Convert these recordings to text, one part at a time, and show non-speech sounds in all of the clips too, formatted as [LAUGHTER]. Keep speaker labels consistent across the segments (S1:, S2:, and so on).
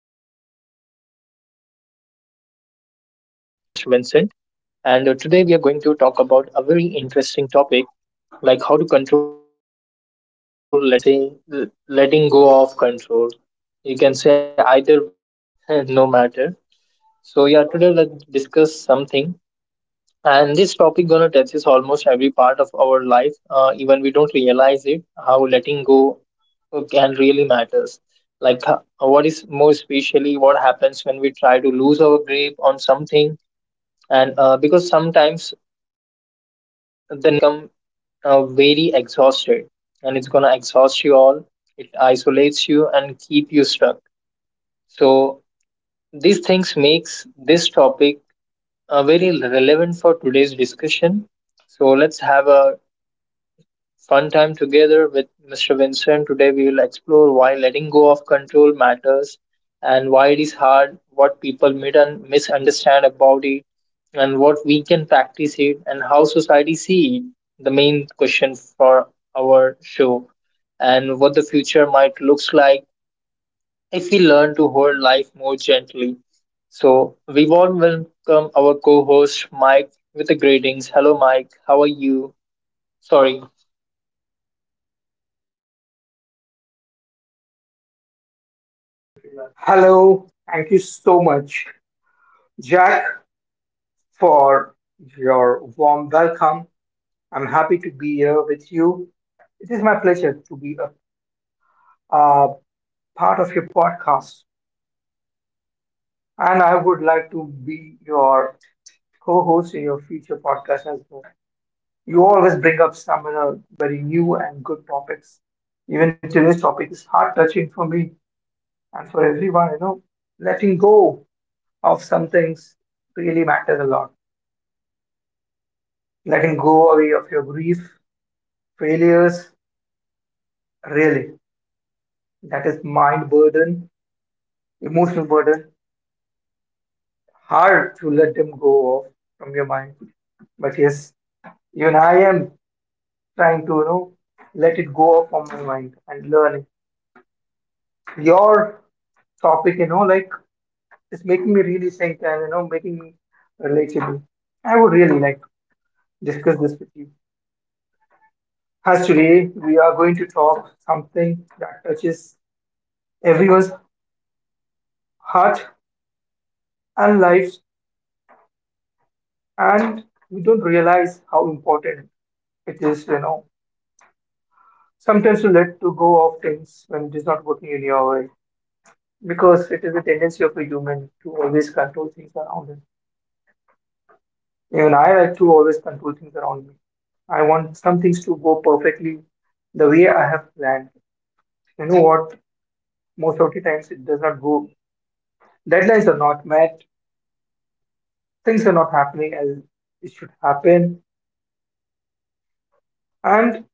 S1: And me, with always joined by our co host, Vincent. And today, we are going to talk about a very interesting topic like how to control letting go, or like you can say, letting go of control. You can say either way, [LAUGHS] no matter. Today, let's discuss something. And this topic gonna touches almost every part of our life, even we don't realize it. How letting go can really matters. Like what is more especially what happens when we try grip on something, and because sometimes the need to control become very exhausted, and it's gonna exhaust you all. It isolates you and keep you stuck. So these things makes this topic very relevant for today's discussion. So let's have a fun time together with Mr. Vincent. Today we will explore why letting go of control matters and why it is hard, what people mid- and misunderstand about it, and what we can practice it, and how society see it. The main question for our show, and what the future might looks like if we learn to hold life more gently. So, we warm welcome our co host Mike with the greetings. Hello, Mike. How are you? Sorry.
S2: Hello, thank you so much, Jack, for your warm welcome. I'm happy to be here with you. It is my pleasure to be a part of your podcast, and I would like to be your co host in your future podcast as well. You always bring up some very new and good topics. Even today's topic is heart touching for me and for everyone, you know, letting go of some things really matters a lot. Letting go away of your grief, failures, really. That is mind burden, emotional burden, hard to let them go off from your mind. But yes, even I am trying to, you know, let it go off from my mind and learn it. Your topic, you know, like it's making me really think and you know, making me relatable. I would really like to discuss this with you. As today we are going to talk something that touches everyone's heart and life, and we don't realize how important it is, you know, sometimes to let to go of things when it is not working in your way, because it is a tendency of a human to always control things around us. Even I like to always control things around me. I want some things to go perfectly the way I have planned. You know what, most of the times it does not go. Deadlines are not met, things are not happening as it should happen. And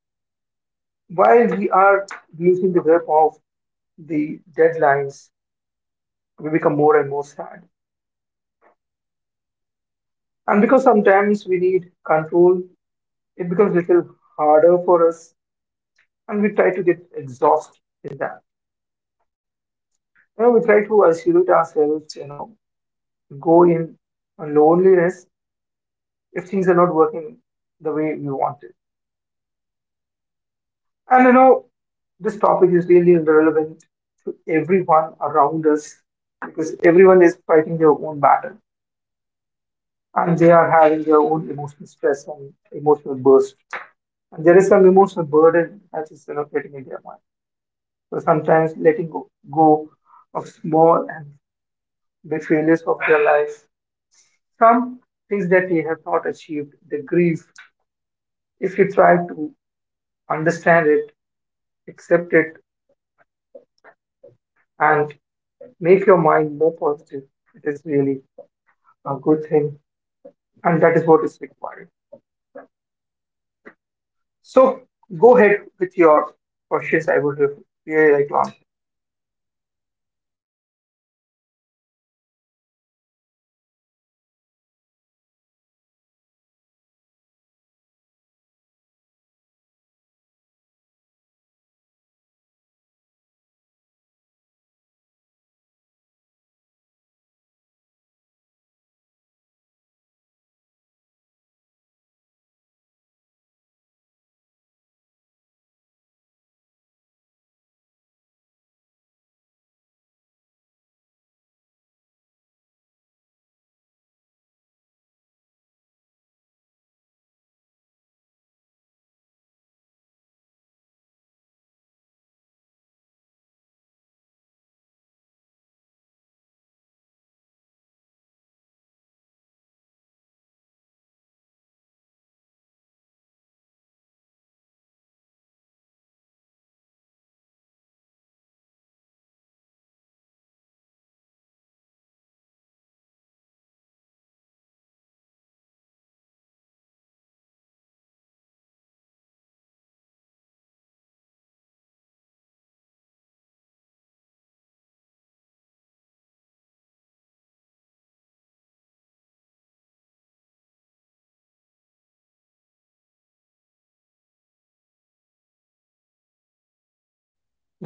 S2: while we are losing the grip of the deadlines, we become more and more sad. And because sometimes we need control, it becomes a little harder for us, and we try to get exhausted with that. You know, we try to isolate ourselves, you know, go in loneliness if things are not working the way we want it. And you know, this topic is really relevant to everyone around us, because everyone is fighting their own battle and they are having their own emotional stress and emotional burst. And there is some emotional burden that is, you know, getting in their mind. So sometimes letting go, go of small and the failures of their life, some things that they have not achieved, the grief. If you try to understand it, accept it, and make your mind more positive, it is really a good thing, and that is what is required. So go ahead with your questions. I would really like to answer.
S1: Mm, thank you for sharing all these details with us. So, we have seen like letting go of few controls. It's kind of weak for everyone.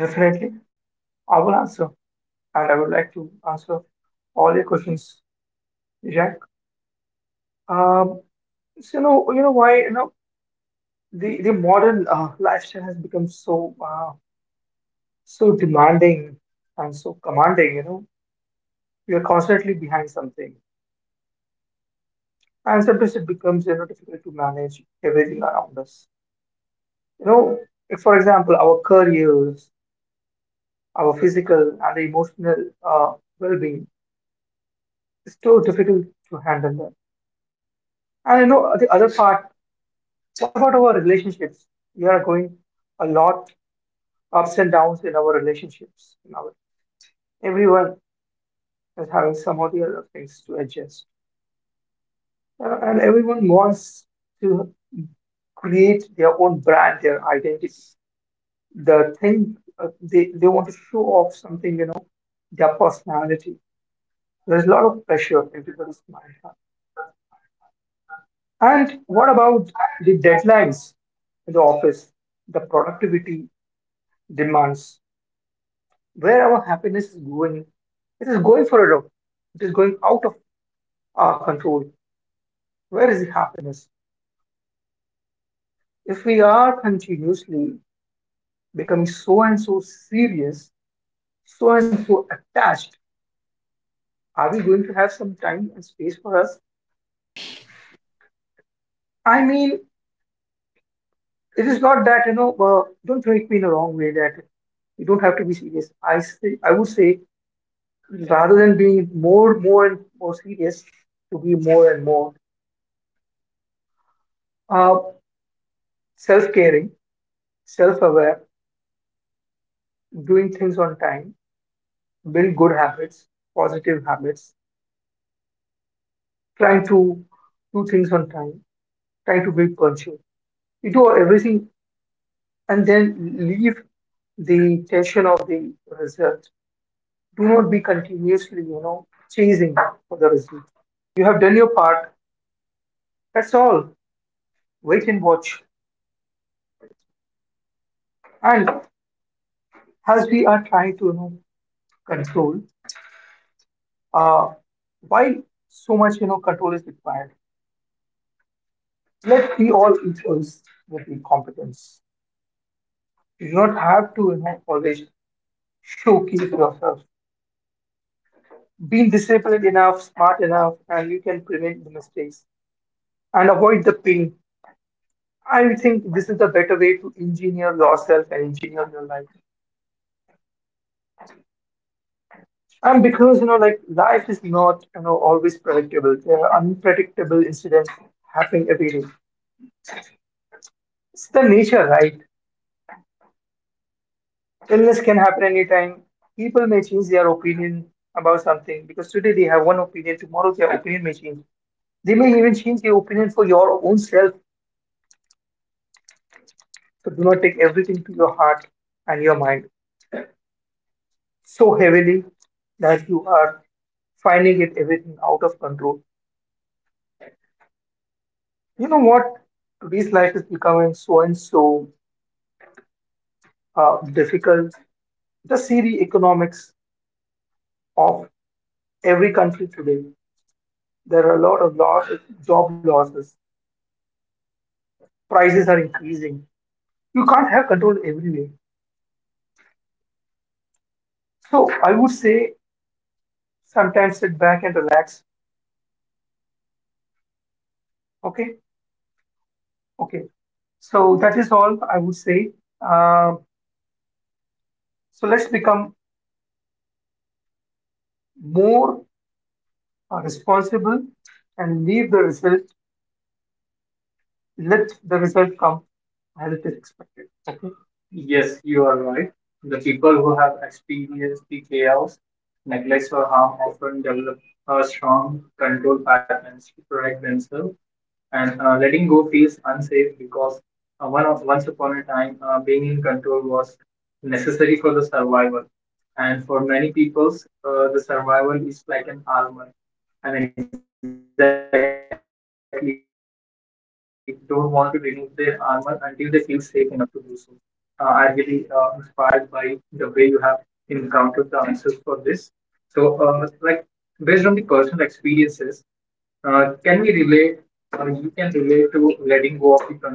S2: Definitely, I will answer, and I would like to answer all your questions, Jack. Um, so you know why, you know, the modern lifestyle has become so so demanding and so commanding. You know, we are constantly behind something, and sometimes it becomes, you know, difficult to manage everything around us. You know, if, for example, our careers, our physical and the emotional uh, well-being is so difficult to handle them. And you know, the other part. What about our relationships? We are going a lot ups and downs in our relationships. In our, everyone is having some of the other things to adjust. And everyone wants to create their own brand, their identity. The thing they want to show off something, you know, their personality. There's a lot of pressure on everybody's mind. And what about the deadlines in the office, the productivity demands, where our happiness is going? It is going for a lot. It is going out of our control. Where is the happiness? If we are continuously becoming so and so serious, so and so attached, are we going to have some time and space for us? I mean, it is not that, you know. Don't take me in a wrong way. That you don't have to be serious. I say, I would say, rather than being more, more and more serious, to be more and more uh, self-caring, self-aware, doing things on time, build good habits, positive habits, trying to do things on time, trying to be punctual. You do everything and then leave the tension of the result. Do not be continuously, you know, chasing for the result. You have done your part. That's all. Wait and watch. And as we are trying to, you know, control, uh, why so much, you know, control is required? Let be all equals with the competence. You do not have to, you know, always showcase yourself. Being disciplined enough, smart enough, and you can prevent the mistakes and avoid the pain. I think this is the better way to engineer yourself and engineer your life. And because you know, like life is not, you know, always predictable. There are unpredictable incidents happening every day. It's the nature, right? Illness can happen anytime. People may change their opinion about something, because today they have one opinion, tomorrow their opinion may change. They may even change their opinion for your own self. So do not take everything to your heart and your mind so heavily that you are finding it everything out of control. You know what? Today's life is becoming so and so difficult. Just see the economics of every country today. There are a lot of loss, job losses. Prices are increasing. You can't have control everywhere. So I would say sometimes sit back and relax. Okay, okay. So that is all I would say. Um so let's become more are responsible and leave the result, let the result come as it is expected. Yes, you are right. The people who have experienced the chaos, neglect, or harm often develop a strong control patterns to protect themselves. And letting go feels unsafe, because one of once upon a time being in control was necessary for the survival, and for many peoples the survival is like an armor, and exactly don't want to remove their armor until they feel safe enough to do so. I'm really inspired by the way you have encountered the answers for this. So like based on the personal experiences, can we relate, or you can relate to letting go of the control?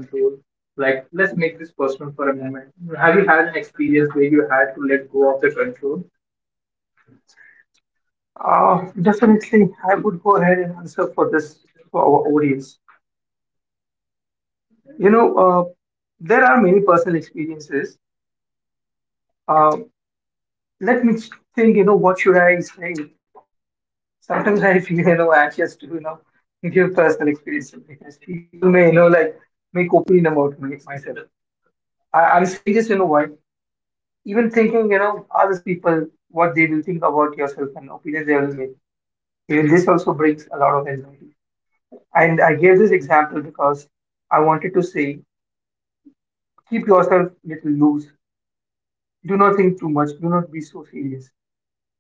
S2: Like, let's make this personal for a moment. Have you had an experience where you had to let go of the control? Definitely, I would go ahead and answer for this for our audience. You know, there are many personal experiences. Uh, let me think. You know, what should I say? Sometimes I feel, you know, anxious to, you know, give personal experiences because people may, you know, like make opinion about me myself. I'm saying this, you know why? Even thinking, you know, others people, what they will think about yourself and opinions they will make. Even this also brings a lot of anxiety. And I gave this example because I wanted to say, keep yourself little loose. Do not think too much. Do not be so serious.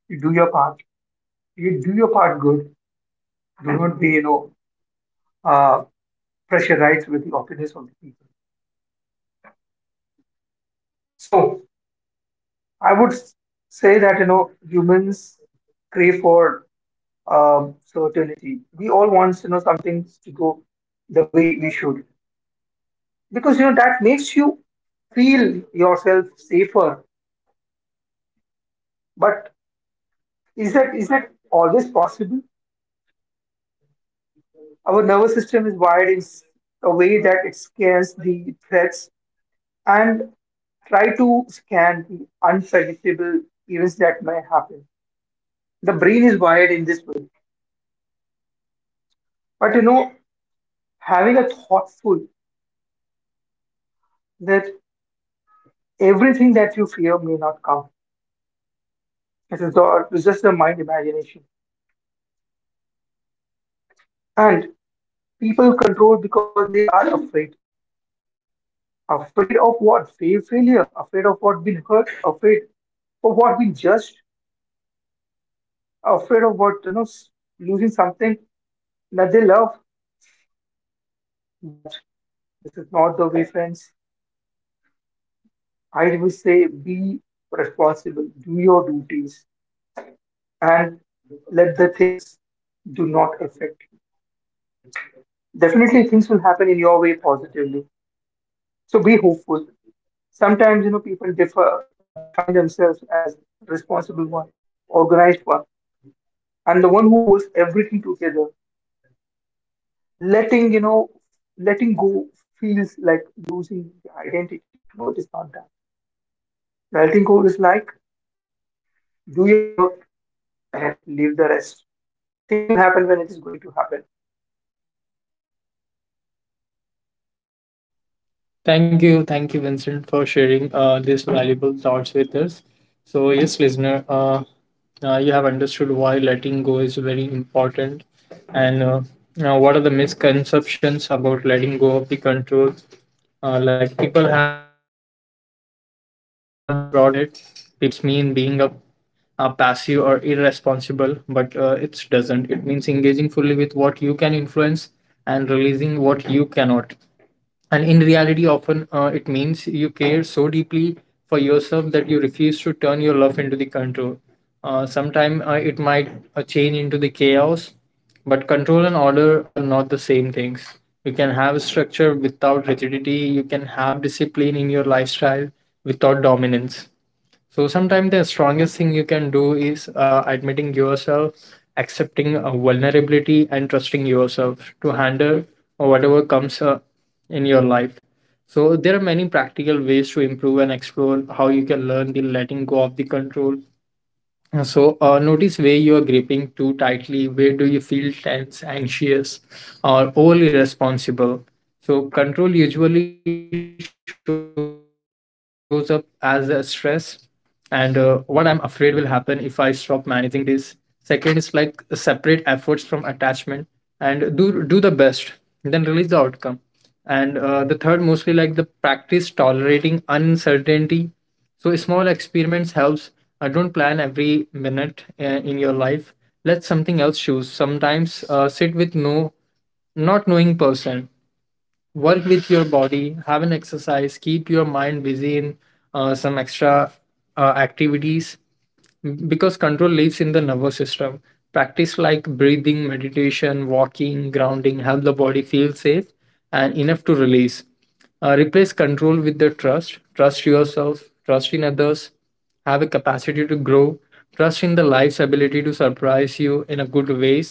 S2: You do your part. You do your part good. Do not be, you know, uh, pressurized with the opinions of the people. So I would say that, you know, humans crave for certainty. We all want, you know, something to go the way we should, because you know that makes you feel yourself safer. But is that always possible? Our nervous system is wired in a way that it scans the threats and try to scan the unpredictable events that may happen. The brain is wired in this way. But you know, having a thoughtful that everything that you fear may not come. It is all, it's just the mind imagination. And people control because they are afraid. Afraid of what? Failure. Afraid of what, being hurt. Afraid of what, being judged. Afraid of what, you know, losing something that they love. But this is not the way, friends. I will say be responsible. Do your duties and let the things do not affect you. Definitely things will happen in your way positively. So be hopeful. Sometimes, you know, people differ, define themselves as responsible one, organized one, and the one who holds everything together. Letting, you know, letting go feels like losing the identity. No, it is not that. Letting go is like do your work and leave the rest. Things will happen when it is going to happen.
S1: Thank you, Vincent, for sharing these valuable thoughts with us. So, yes, listener, you have understood why letting go is very important, and now what are the misconceptions about letting go of the control? Like people have a broad mindset. People think it's mean being a passive or irresponsible, but it doesn't. It means engaging fully with what you can influence and releasing what you cannot, and in reality often it means you care so deeply for yourself that you refuse to turn your love into the control. Sometime it might change into the chaos, but control and order are not the same things. You can have structure without rigidity. You can have discipline in your lifestyle without dominance. So sometimes the strongest thing you can do is admitting yourself, accepting vulnerability, and trusting yourself to handle whatever comes in your life. So there are many practical ways to improve and explore how you can learn the letting go of the control. So notice where you are gripping too tightly. Where do you feel tense, anxious, or overly responsible? So control usually shows up as a stress, and what I'm afraid will happen if I stop managing this. Second is like separate efforts from attachment and do the best, then release the outcome. And the third, mostly like the practice tolerating uncertainty. So small experiments helps. Don't plan every minute in your life. Let something else choose. Sometimes sit with no not knowing person, work with your body, have an exercise, keep your mind busy in some extra activities, because control lives in the nervous system. Practice like breathing, meditation, walking, grounding help the body feel safe and enough to release. Replace control with the trust. Trust yourself, trust in others, have a capacity to grow, trust in the life's ability to surprise you in a good ways,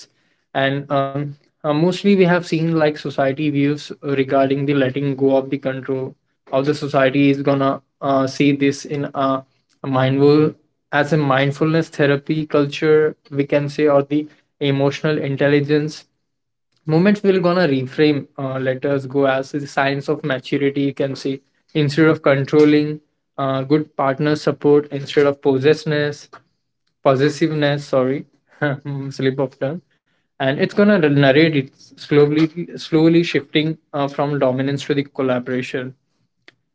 S1: and mostly we have seen like society views regarding the letting go of the control, how the society is gonna see this in a mindful as a mindfulness therapy culture we can say, or the emotional intelligence moments will gonna reframe, let us go as the signs of maturity, you can see, instead of controlling, good partner support instead of possessiveness. Possessiveness, sorry, [LAUGHS] mm, slip of tongue, and it's gonna narrate it slowly, slowly shifting from dominance to the collaboration.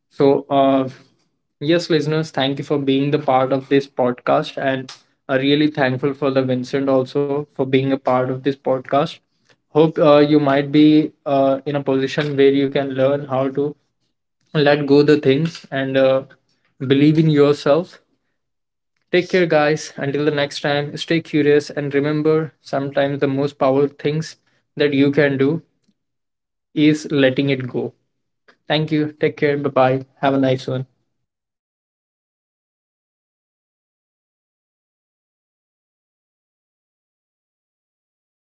S1: so, uh, yes, listeners, thank you for being the part of this podcast, and really thankful for the Vincent also for being a part of this podcast. Hope you might be in a position where you can learn how to let go the things and believe in yourself. Take care, guys. Until the next time, stay curious and remember sometimes the most powerful things that you can do is letting it go. Thank you. Take care. Bye bye. Have a nice one.